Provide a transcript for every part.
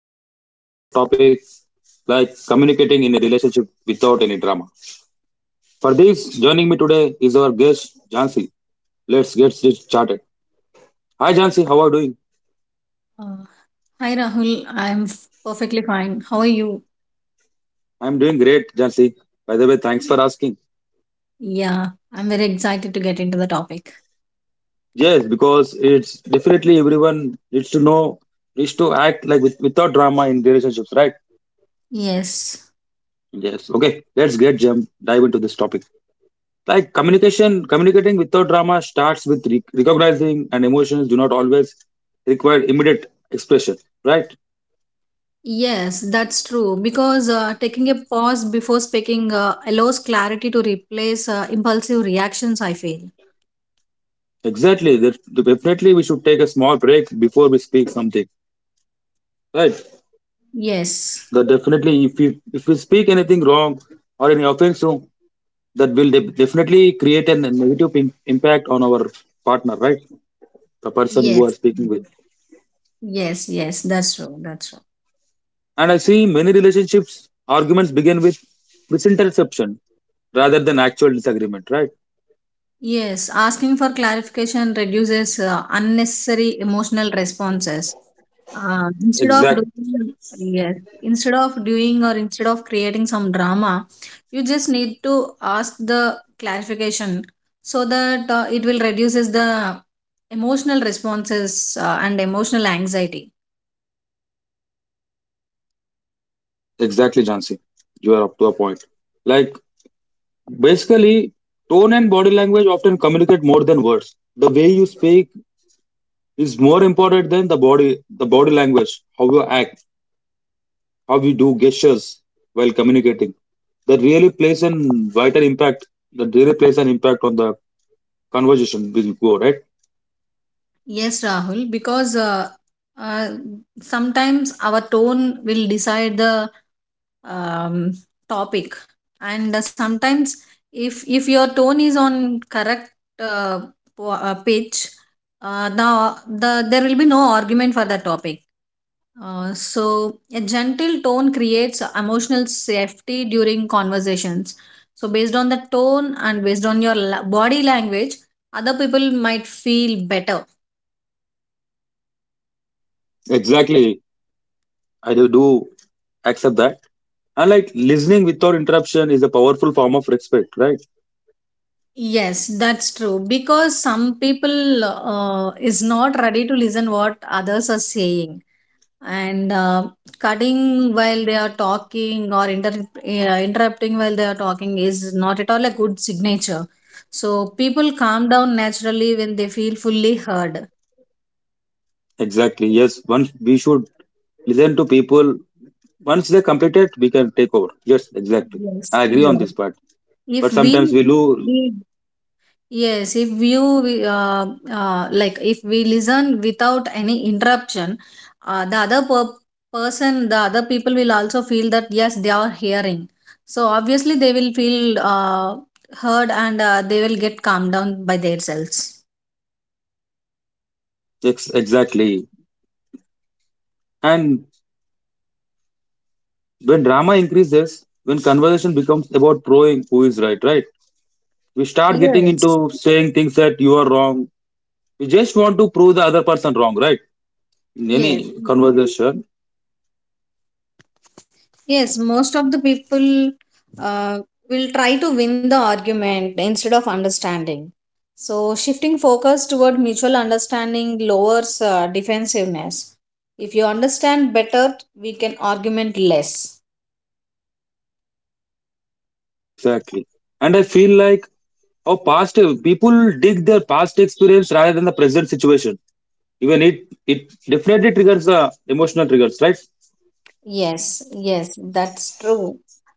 Today, we are talking about a topic like communicating in a relationship without any drama. For this, joining me today is our guest Jansi. Let's get this started. Hi, Jansi. How are you doing? Uh, Hi Rahul, perfectly fine. How are you? I'm doing great, Jansi. By the way, thanks for asking. Yeah, I'm very excited to get into the topic. Yes, because it's definitely everyone needs to know, needs to act like with, without drama in relationships, right? Yes, Yes. Okay. Let's get jump dive into this topic. Like communicating without drama starts with recognizing and emotions do not always require immediate expression, right? yes, that's true. Because taking a pause before speaking allows clarity to replace impulsive reactions, I feel. Exactly. That definitely we should take a small break before we speak something, right? Yes, That definitely if we speak anything wrong or any offense, so that will definitely create a negative impact on our partner, right? The person you are yes, speaking with. yes, that's true, And I see many relationships arguments begin with misinterception rather than actual disagreement, right? Yes, asking for clarification reduces unnecessary emotional responses. Uh, instead of Exact, doing yes Instead of doing or instead of creating some drama, you just need to ask the clarification so that it will reduces the emotional responses and emotional anxiety. exactly, Jansi. You are up to a point. Like basically, tone and body language often communicate more than words. The way you speak is more important than the body language, how you act, how you do gestures while communicating. That really plays an vital impact. That really plays an impact on the conversation we go right. Yes, Rahul, because uh, sometimes our tone will decide the um, topic, and sometimes if your tone is on correct uh, pitch, there will be no argument for the topic. So a gentle tone creates emotional safety during conversations. So based on the tone and based on body language, other people might feel better. Exactly, I do accept that. And like listening without interruption is a powerful form of respect, right? Yes, that's true. Because some people is not ready to listen what others are saying, and cutting while they are talking or interrupting while they are talking is not at all a good signature. So people calm down naturally when they feel fully heard. Exactly. Yes. Once we should listen to people. Once they complete it, we can take over. Yes. Exactly. Yes, I agree on yes. this part. If But sometimes we we lose. we Yes, if you we, like if we listen without any interruption, uh, the other per- person, the other people will also feel that yes, they are hearing. So obviously, they will feel heard and they will get calmed down by themselves. Exactly. And when drama increases, when conversation becomes about proving who is right, right? We start getting Yes. into saying things that you are wrong. We just want to prove the other person wrong, right? In Yes. any conversation. Yes, most of the people uh, will try to win the argument instead of understanding. So, shifting focus toward mutual understanding lowers defensiveness. If you understand better, we can argument less. Exactly. And I feel like how past people dig their past experience rather than the present situation. Even it definitely triggers the emotional triggers, right? Yes, that's true.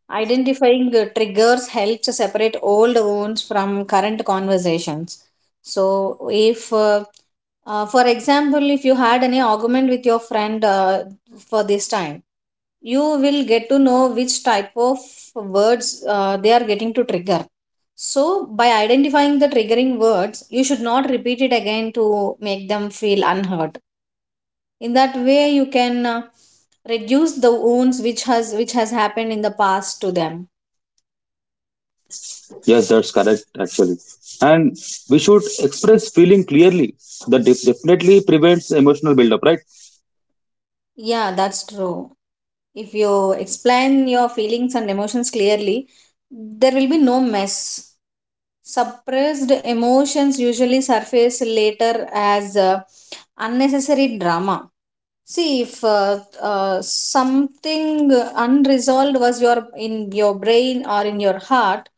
Identifying the triggers helps separate old wounds from current conversations. So, if, for example, if you had any argument with your friend for this time, you will get to know which type of words they are getting to trigger. So, by identifying the triggering words, you should not repeat it again to make them feel unhurt. In that way you can reduce the wounds which has happened in the past to them. Yes, that's correct actually. And we should express feeling clearly. That definitely prevents emotional buildup, right? Yeah, that's true. If you explain your feelings and emotions clearly, there will be no mess. Suppressed emotions usually surface later as unnecessary drama. See, if something unresolved was your in your brain or in your heart,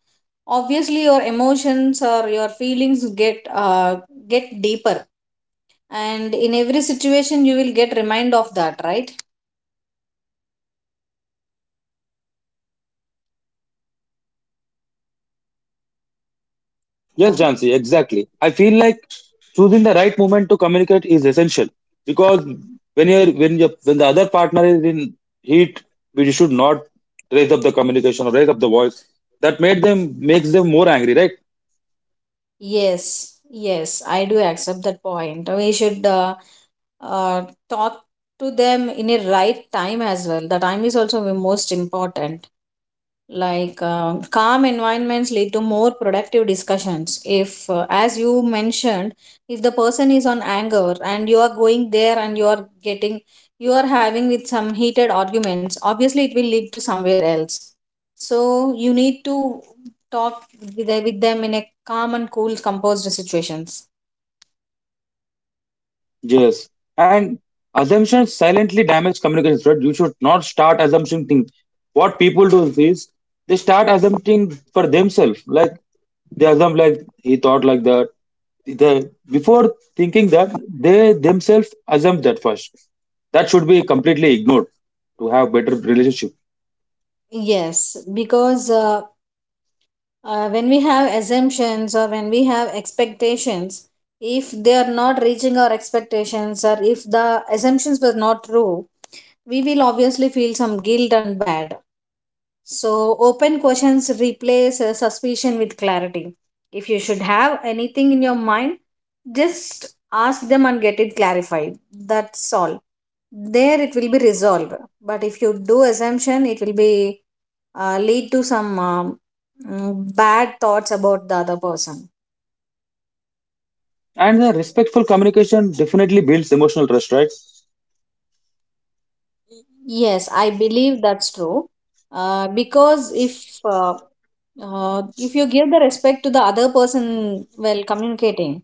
obviously your emotions or your feelings get deeper, and in every situation you will get remind of that, right? Yes, Right. Jansi, exactly. I feel like choosing the right moment to communicate is essential because when you're when you when the other partner is in heat, we should not raise up the communication or raise up the voice. That made them makes them more angry, right? Yes, I do accept that point. We should uh, talk to them in a right time as well. The time is also the most important. Like calm environments lead to more productive discussions. If as you mentioned, if the person is on anger and you are going there and you are having with some heated arguments, obviously it will lead to somewhere else. So you need to talk with them in a calm and cool composed situations. Yes. And assumptions silently damage communication thread. You should not start assumption thing. What people do is they start assuming for themselves. Like they assume like he thought like that. The before thinking that they themselves assume that first. That should be completely ignored to have better relationship. Yes, because when we have assumptions or when we have expectations, if they are not reaching our expectations or if the assumptions were not true, we will obviously feel some guilt and bad. So open questions replace suspicion with clarity. If you should have anything in your mind, just ask them and get it clarified. That's all, there it will be resolved. But if you do assumption, it will be lead to some bad thoughts about the other person. And the respectful communication definitely builds emotional trust, right? Yes, I believe that's true. Because if you give the respect to the other person while communicating,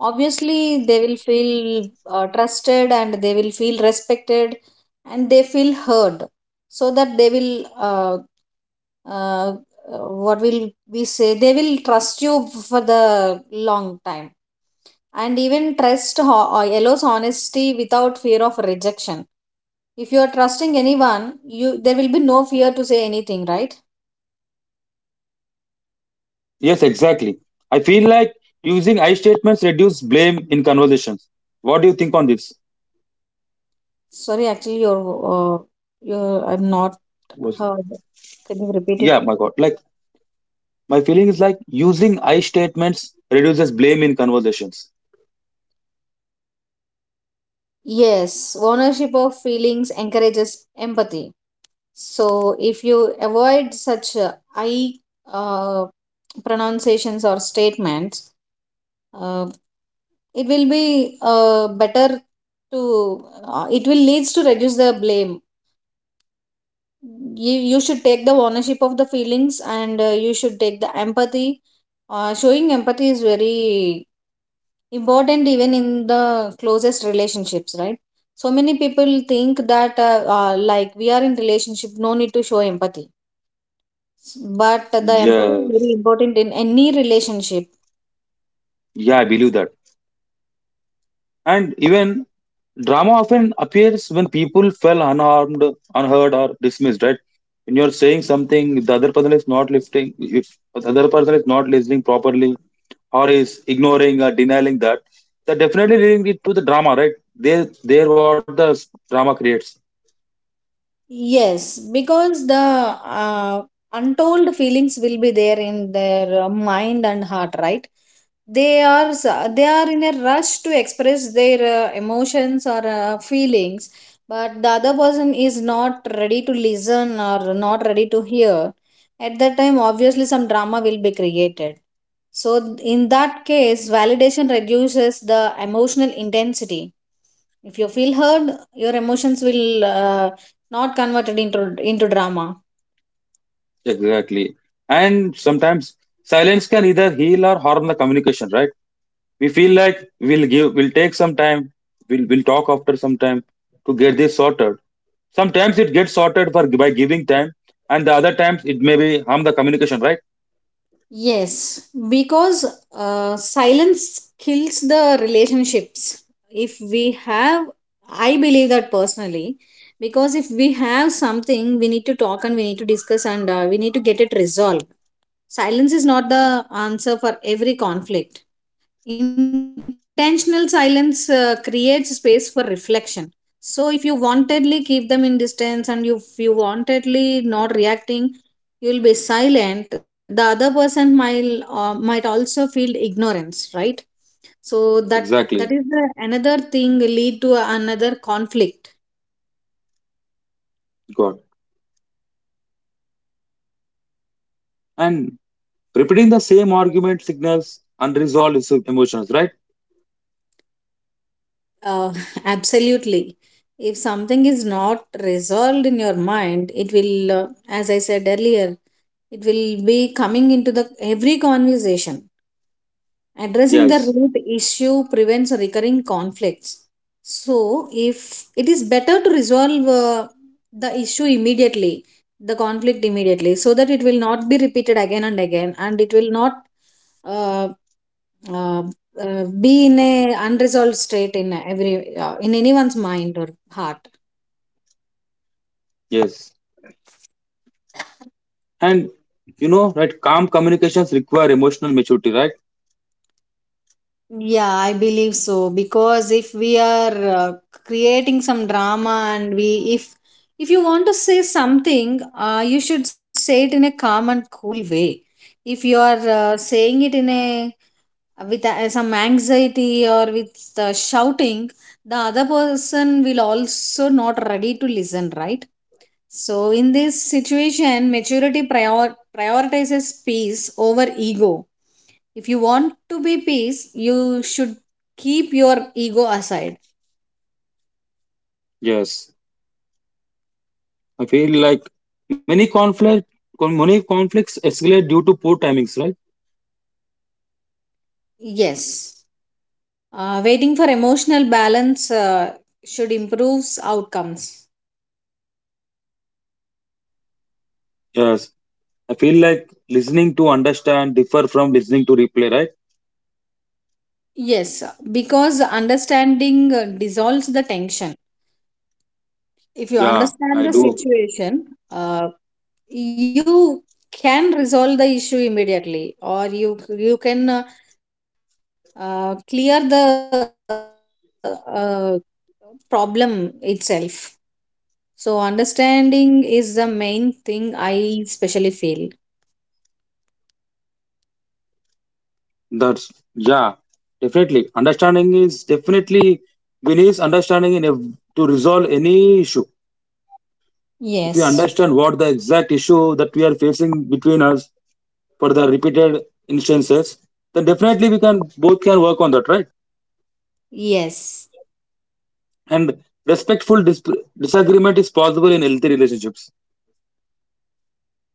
obviously they will feel trusted and they will feel respected and they feel heard, so that they will uh, what will we say, they will trust you for the long time. And even trust allows honesty without fear of rejection. If you are trusting anyone, you there will be no fear to say anything, right? Yes, exactly. I feel like using I statements reduce blame in conversations. What do you think on this? Sorry, actually uh, your I'm not Was heard. Can you repeat it, Yeah, my please? god, like my feeling is like using I statements reduces blame in conversations. Yes, ownership of feelings encourages empathy. So if you avoid such I uh, pronunciations or statements, uh, it will be better to it will leads to reduce the blame. You should take the ownership of the feelings and you should take the empathy. Showing empathy is very important even in the closest relationships, right? So many people think that like we are in relationship, no need to show empathy, but the empathy is Yeah, very important in any relationship. yeah, I believe that. And even drama often appears when people feel unharmed, unheard or dismissed, right? When you're saying something, if the other person is not lifting, if the other person is not listening properly, or is ignoring or denying that, that definitely leading it to the drama, right? There what the drama creates. Yes, because the uh, untold feelings will be there in their mind and heart, right? They are in a rush to express their emotions or feelings, but the other person is not ready to listen or not ready to hear. At that time obviously some drama will be created. So, in that case, validation reduces the emotional intensity. If you feel heard, your emotions will not converted into drama. Exactly. And sometimes silence can either heal or harm the communication, right? We feel like we'll take some time, we'll talk after some time to get this sorted. Sometimes it gets sorted for by giving time, and the other times it may be harm the communication, right? Yes, because silence kills the relationships. If we have, I believe that personally, because if we have something, we need to talk and we need to discuss and we need to get it resolved. Silence is not the answer for every conflict. Intentional silence creates space for reflection. So if you wantedly keep them in distance and you if you wantedly not reacting, you'll be silent. The other person might also feel ignorance, right? So that that Exactly. is the another thing lead to another conflict. God. And repeating the same argument signals emotions, right? uh, absolutely, if something is not resolved in your mind, it will as I said earlier, it will be coming into the every conversation. Addressing the Yes. root issue prevents recurring conflicts. So, if it is better to resolve the issue immediately, the conflict immediately, so that it will not be repeated again and again, and it will not uh, uh, be in a unresolved state in every in anyone's mind or heart. Yes. And you know, right, calm communications require emotional maturity, right? Yeah, I believe so, because if we are creating some drama and we if you want to say something, you should say it in a calm and cool way. If you are saying it in a with some anxiety or with shouting, the other person will also not ready to listen, right? So, in this situation, prioritizes peace over ego. If you want to be peace, you should keep your ego aside. Yes. I feel like many conflict many conflicts escalate due to poor timings, right? Yes, waiting for emotional balance should improve outcomes. Yes. I feel like listening to understand differ from listening to replay, right? Yes, because understanding dissolves the tension. If you Yeah, understand I the do. situation, uh, you can resolve the issue immediately or you can clear the problem itself. So understanding is the main thing I especially feel. That's yeah, definitely. Understanding is definitely we need understanding to resolve any issue. If Yes. we understand what the exact issue that we are facing between us for the repeated instances, then definitely we can both can work on that, right? Yes, And disagreement is possible in healthy relationships.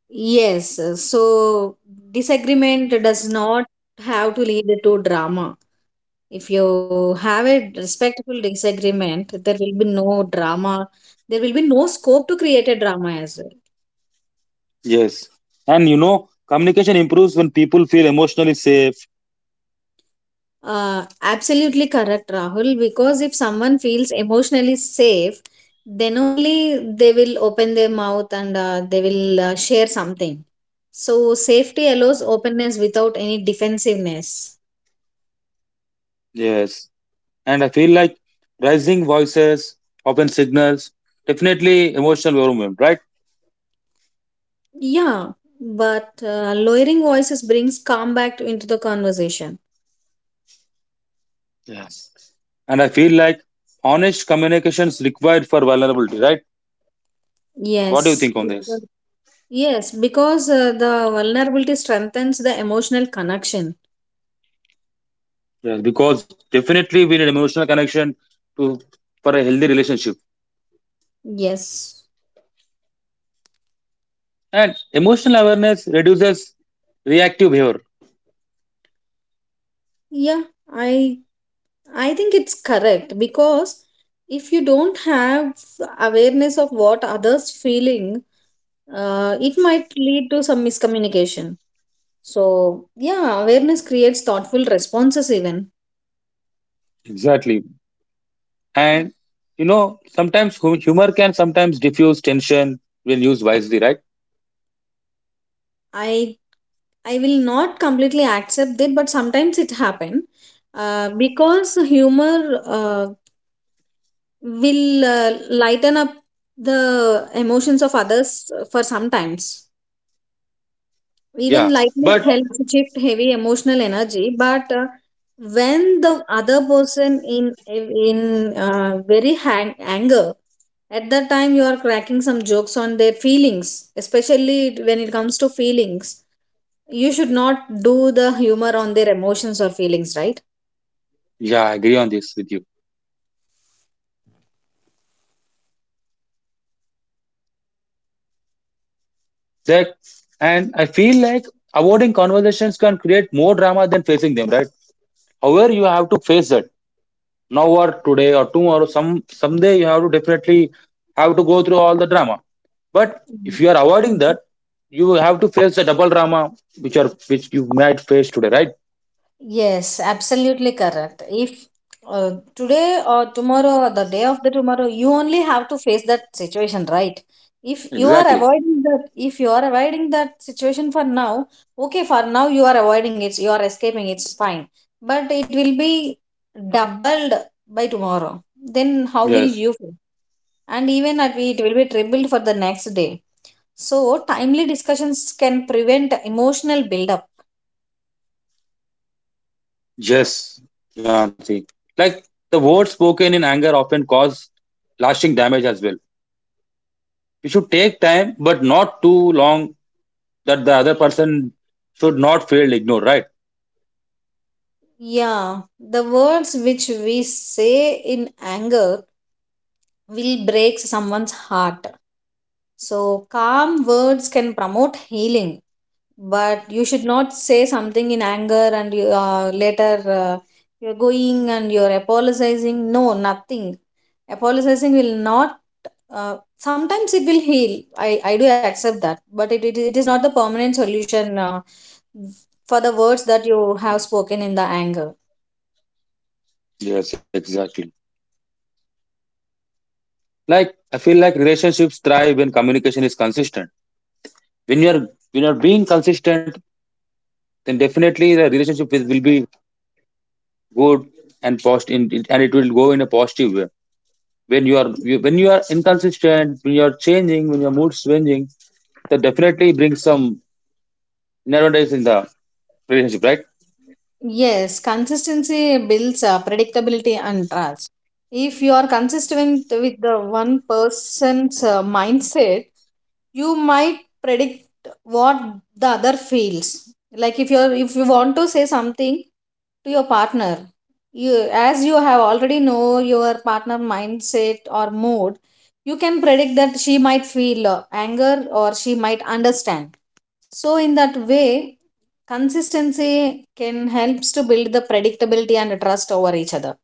yes. So disagreement does not have to lead to drama. If you have a respectful disagreement, there will be no drama. There will be no scope to create a drama as well. Yes. And you know, communication improves when people feel emotionally safe. Absolutely correct, Rahul. Because if someone feels emotionally safe, then only they will open their mouth and they will share something. So, safety allows openness without any defensiveness. Yes. And I feel like rising voices often signals definitely emotional overwhelm, right? Yeah, but lowering voices brings calm back to, into the conversation. Yes. And I feel like honest communication is required for vulnerability, right? What do you Yes, think on this? because- Yes, because the vulnerability strengthens the emotional connection. Yes, because definitely we need emotional connection to for a healthy relationship. Yes. And emotional awareness reduces reactive behavior. Yeah, I I think it's correct because if you don't have awareness of what others feeling, it might lead to some miscommunication. So yeah, awareness creates thoughtful responses. Even Exactly. And you know, sometimes humor can sometimes diffuse tension when used wisely, right? I, I will not completely accept it, but sometimes it happen, because humor will lighten up the emotions of others for sometimes. Yeah. Even lightness But helps shift heavy emotional energy, but when the other person in very anger, at that time you are cracking some jokes on their feelings, especially when it comes to feelings. You should not do the humor on their emotions or feelings, right? yeah, I agree on this with you. That and I feel like avoiding conversations can create more drama than facing them, right? However, you have to face it now or today or tomorrow, some someday you have to definitely have to go through all the drama. But if you are avoiding that, you have to face the double drama which are which you might face today, right? Yes, absolutely correct. If today or tomorrow or the day of the tomorrow, you only have to face that situation, right? If you are Exactly. avoiding that, if you are avoiding that situation for now, okay, for now you are avoiding it, you are escaping, it's fine. But it will be doubled by tomorrow. Then how will Yes. you feel? And even at it will be tripled for the next day. So timely discussions can prevent emotional buildup. Yes, Jansi. Like the words spoken in anger often cause lasting damage as well. We should take time, but not too long that the other person should not feel ignored, right? Yeah, the words which we say in anger will break someone's heart. So, calm words can promote healing, but you should not say something in anger and you, later you're going and you're apologizing. No, nothing. Apologizing will not. Sometimes it will heal. I do accept that, but it is not the permanent solution for the words that you have spoken in the anger. Yes, exactly. Like I feel like relationships thrive when communication is consistent. When you're being consistent, then definitely the relationship is, will be good and post in, and it will go in a positive way. When you are inconsistent, when you are changing, when your mood swinging, that definitely brings some nowadays in the relationship, right? Yes, consistency builds predictability and trust. If you are consistent with the one person's mindset, you might predict what the other feels. Like if you want to say something to your partner, you, as you have already know your partner mindset or mood, you can predict that she might feel anger, or she might understand. So in that way, consistency can helps to build the predictability and trust over each other.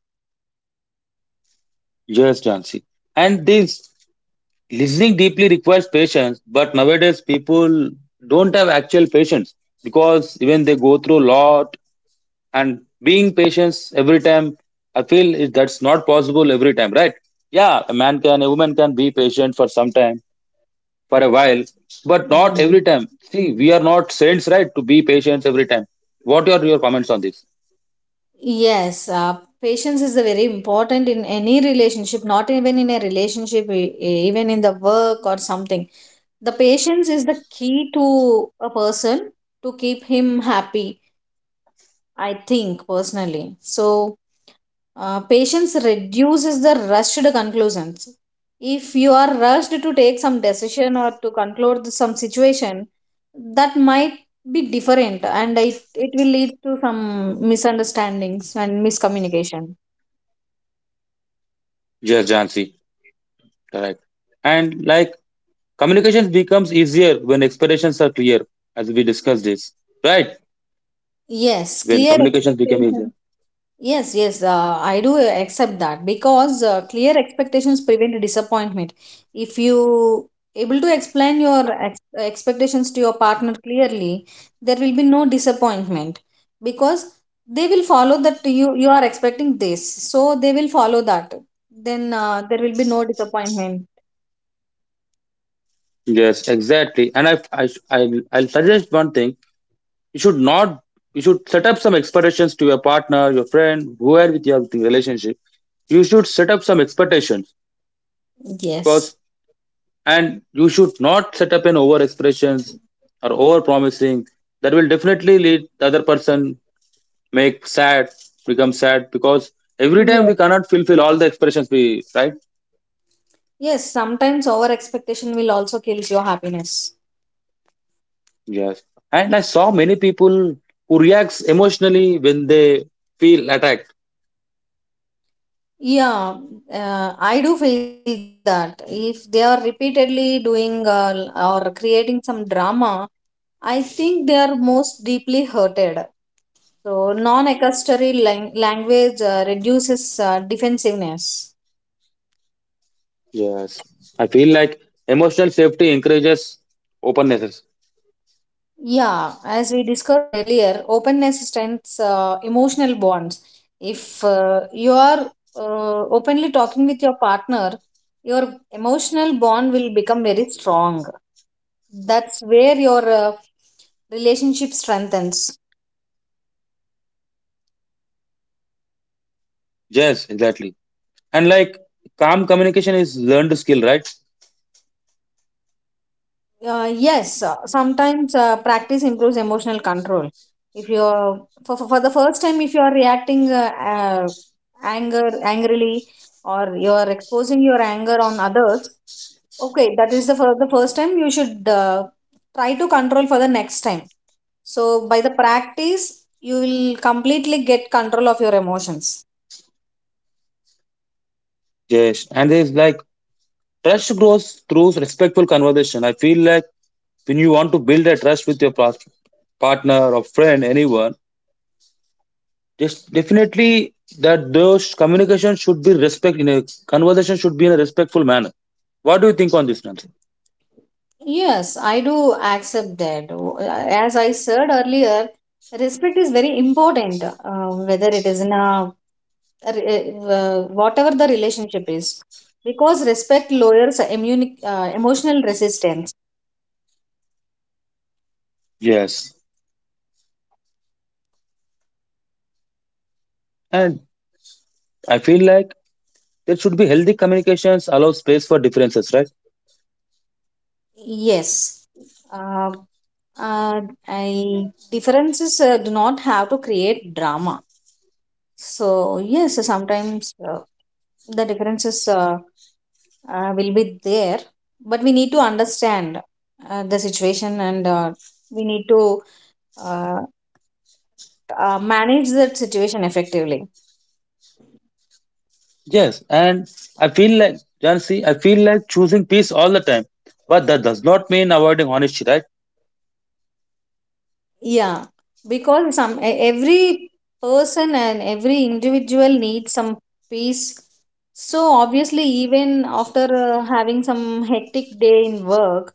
Yes, Jansi. And this listening deeply requires patience, but nowadays people don't have actual patience because even they go through a lot and being patient every time, I feel is that's not possible every time, right? Yeah, a man can, a woman can be patient for some time, for a while, but not every time. See, we are not saints, right? To be patient every time. What are your comments on this? Yes, patience is a very important in any relationship, not even in a relationship, even in the work or something. The patience is the key to a person to keep him happy, I think personally. So, patience reduces the rushed conclusions. If you are rushed to take some decision or to conclude some situation, that might be different and it will lead to some misunderstandings and miscommunication. Yes, Jansi. Correct. And like communications becomes easier when expectations are clear, as we discussed this, right? Yes, When clear communications become expectations. easier. Yes, yes, I do accept that because clear expectations prevent disappointment. If you able to explain your ex expectations to your partner clearly, there will be no disappointment because they will follow that you are expecting this, so they will follow that. Then there will be no disappointment. Yes, exactly. And I'll suggest one thing. You should not, you should set up some expectations to your partner, your friend, whoever with your relationship. You should set up some expectations because, Yes. and you should not set up an over expressions or over promising. That will definitely lead the other person make sad become sad because every time we Yes. cannot fulfill all the expressions we right. Yes, sometimes over expectation will also kills your happiness. Yes. And I saw many people who reacts emotionally when they feel attacked. Yeah, I do feel that if they are repeatedly doing or creating some drama, I think they are most deeply hurted. So, non accusatory language reduces defensiveness. Yes. I feel like emotional safety encourages openness. Yeah, as we discussed earlier, openness strengthens emotional bonds. If you are openly talking with your partner, your emotional bond will become very strong. That's where your relationship strengthens. Yes, exactly. And like calm communication is learned skill, right? Yes, sometimes practice improves emotional control. If you're for the first time, if you are reacting anger angrily or you are exposing your anger on others, okay, that is the for the first time you should try to control for the next time. So by the practice, you will completely get control of your emotions. Yes. And there's like trust grows through respectful conversation, I feel like when you want to build a trust with your past partner or friend anyone. Yes, definitely that those communication should be respect in a conversation should be in a respectful manner. What do you think on this, Nancy? Yes, I do accept that. As I said earlier, respect is very important, whether it is in a whatever the relationship is, because respect lowers immune, emotional resistance. Yes. And I feel like there should be healthy communications allow space for differences, right? Yes. Uh, uh, I differences do not have to create drama. So yes, sometimes the differences will be there, but we need to understand the situation and we need to uh, manage that situation effectively. Yes. And I feel like Jansi, I feel like choosing peace all the time. But that does not mean avoiding honesty, right? Yeah, because some every person and every individual needs some peace. So obviously, even after having some hectic day in work,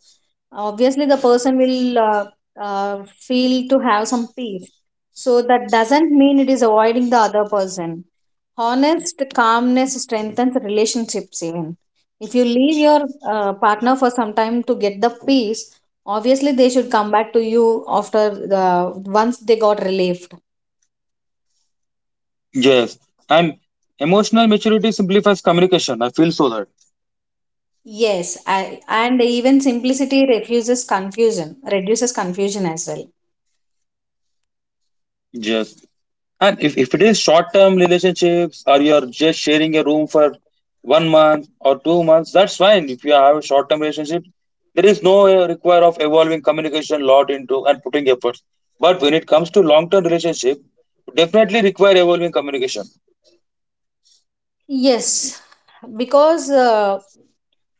obviously the person will feel to have some peace. So that doesn't mean it is avoiding the other person. Honest calmness strengthens relationships even. If you leave your partner for some time to get the peace, obviously, they should come back to you after the once they got relieved. Yes. And emotional maturity simplifies communication. I feel so that. Yes, and even simplicity refuses confusion, reduces confusion as well. Yes. And if it is short term relationships or you're just sharing a room for 1 month or 2 months, that's fine. If you have a short term relationship, there is no require of evolving communication lot into and putting efforts. But when it comes to long term relationship, definitely require evolving communication. Yes, because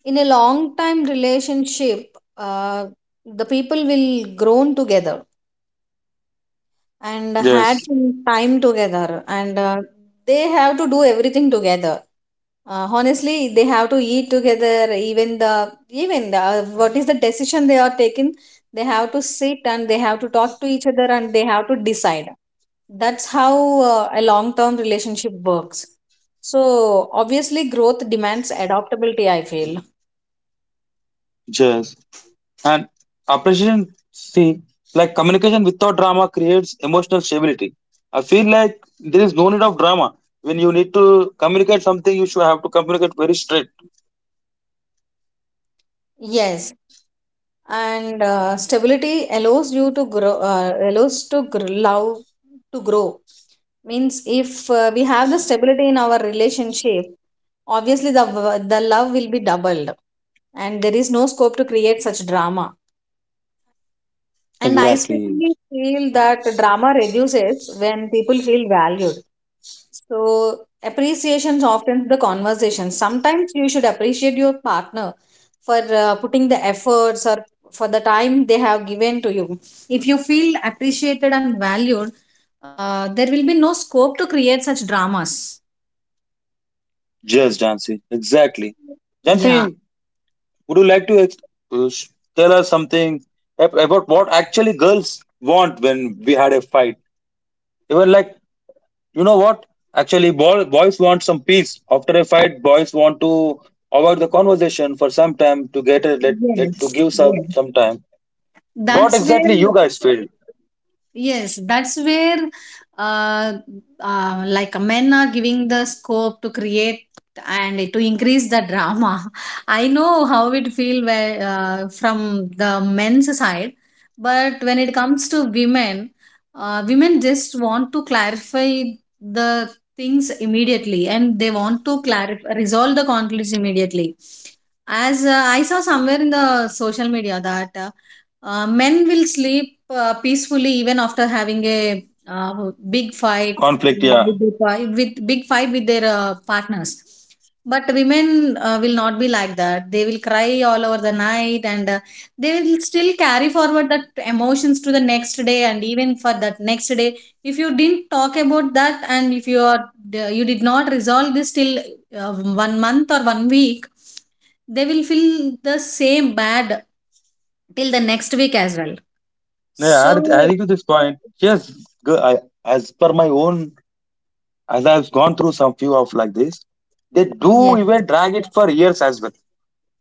in a long time relationship, uh, the people will grown together and had Yes, some time together and they have to do everything together, honestly. They have to eat together, even what is the decision they are taking, they have to sit and they have to talk to each other and they have to decide. That's how a long term relationship works. So obviously growth demands adaptability, I feel. yes. And appreciation, see, like communication without drama creates emotional stability. I feel like there is no need of drama. When you need to communicate something, you should have to communicate very straight. Yes, and stability allows you to grow, allows to love to grow. Means if we have the stability in our relationship, obviously the love will be doubled and there is no scope to create such drama. And I Exactly. especially feel that drama reduces when people feel valued. So, appreciation softens the conversation. Sometimes you should appreciate your partner for putting the efforts or for the time they have given to you. If you feel appreciated and valued, there will be no scope to create such dramas. Yes, Jansi. Exactly. Jansi, Yeah. would you like to uh, sh- tell us something about what actually girls want when we had a fight? Even like, you know what? Actually, boys want some peace. After a fight, boys want to avoid the conversation for some time to get a let, let to Yes. give some Yes. some time. What That's where. exactly you guys feel? Yes, that's where uh, like men are giving the scope to create and to increase the drama. I know how it feel where, from the men's side, but when it comes to women, women just want to clarify the things immediately, and they want to clarify resolve the conflicts immediately. As I saw somewhere in the social media that men will sleep peacefully even after having a uh, big fight uh, Conflict, yeah. with, the with big fight with their partners, but women will not be like that. They will cry all over the night, and they will still carry forward that emotions to the next day, and even for that next day if you didn't talk about that, and if you are, you did not resolve this till uh, 1 month or 1 week, they will feel the same bad till the next week as well. Yeah, I So, agree to this point. Yes, g- I, as per my own as I've gone through some few of like this, they do yeah. even drag it for years as well.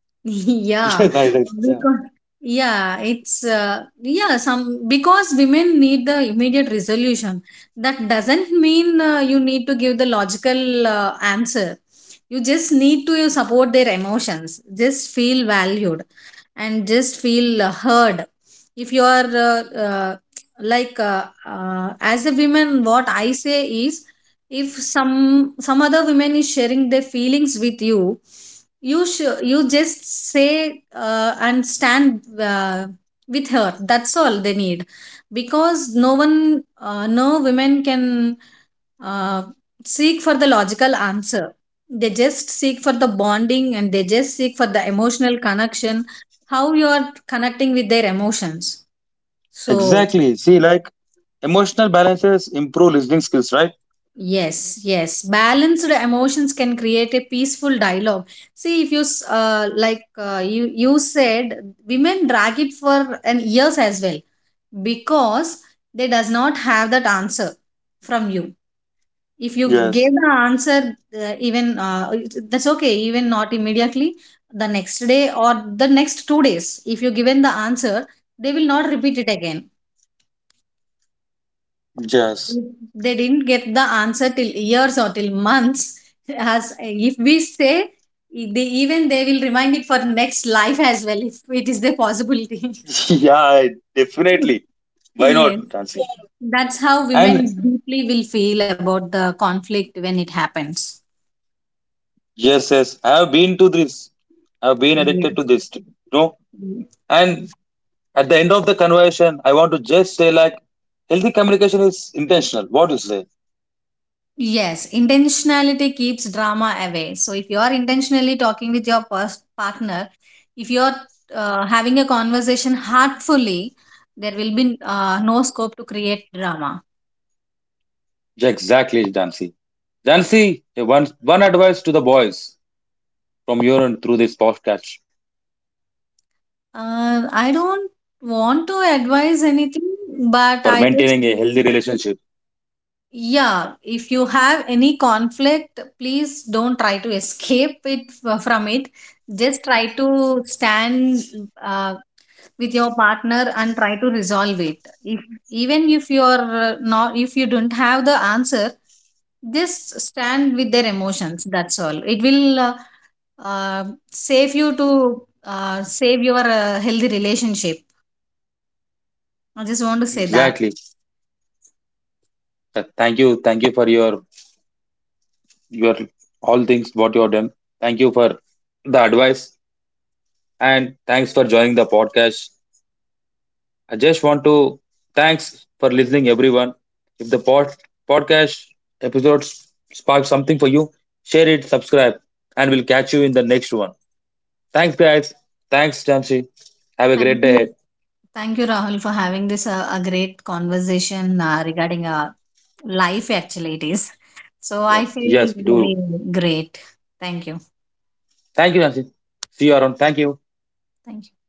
Yeah, Yes, I right. Yeah. because yeah, it's yeah, some, because women need the immediate resolution. That doesn't mean you need to give the logical answer. You just need to support their emotions, just feel valued and just feel heard. If you are like as a woman what I say is, if some other women is sharing their feelings with you, you should you just say and stand with her, that's all they need. Because no one, no women can uh, seek for the logical answer. They just seek for the bonding and they just seek for the emotional connection, how you are connecting with their emotions. So, Exactly. See, like emotional balances improve listening skills, right? yes, yes. Balanced emotions can create a peaceful dialogue. See, if like you, you said, women drag it for an years as well because they does not have that answer from you. If you Yes. give the answer, even that's okay. Even not immediately, the next day or the next 2 days, if you given the answer, they will not repeat it again. Yes. If they didn't get the answer till years or till months, as if we say, they, even they will remind it for next life as well, if it is the possibility. Yeah, definitely. Why Yes, not, Nancy? that's how women And deeply will feel about the conflict when it happens. yes, yes, I have been to this. I've been addicted to Yes. this. No, and at the end of the conversation, I want to just say like, healthy communication is intentional. What do you say? Yes, intentionality keeps drama away. So if you are intentionally talking with your partner, if you are having a conversation heartfully, there will be no scope to create drama. Yeah, exactly, Jansi. Jansi, hey, one advice to the boys from your end through this podcast I don't want to advise anything, for but I maintaining just, a healthy relationship. yeah, if you have any conflict, please don't try to escape it from it. Just try to stand uh, with your partner and try to resolve it. If, even if you are not, if you don't have the answer, just stand with their emotions, that's all. It will uh, save you to save your healthy relationship. I just want to say that. Exactly. Thank you. Thank you for your all things what you have done. Thank you for the advice and thanks for joining the podcast. I just want to thanks for listening everyone. If podcast episodes spark something for you, share it, subscribe, and we'll catch you in the next one. Thanks, guys. Thanks, Jansi. Have a Thank great day you. ahead. Thank you, Rahul, for having this a great conversation regarding life, actually it is. So I Yes, feel yes, do. very great. Thank you. Thank you, Jansi. See you around. Thank you. Thank you.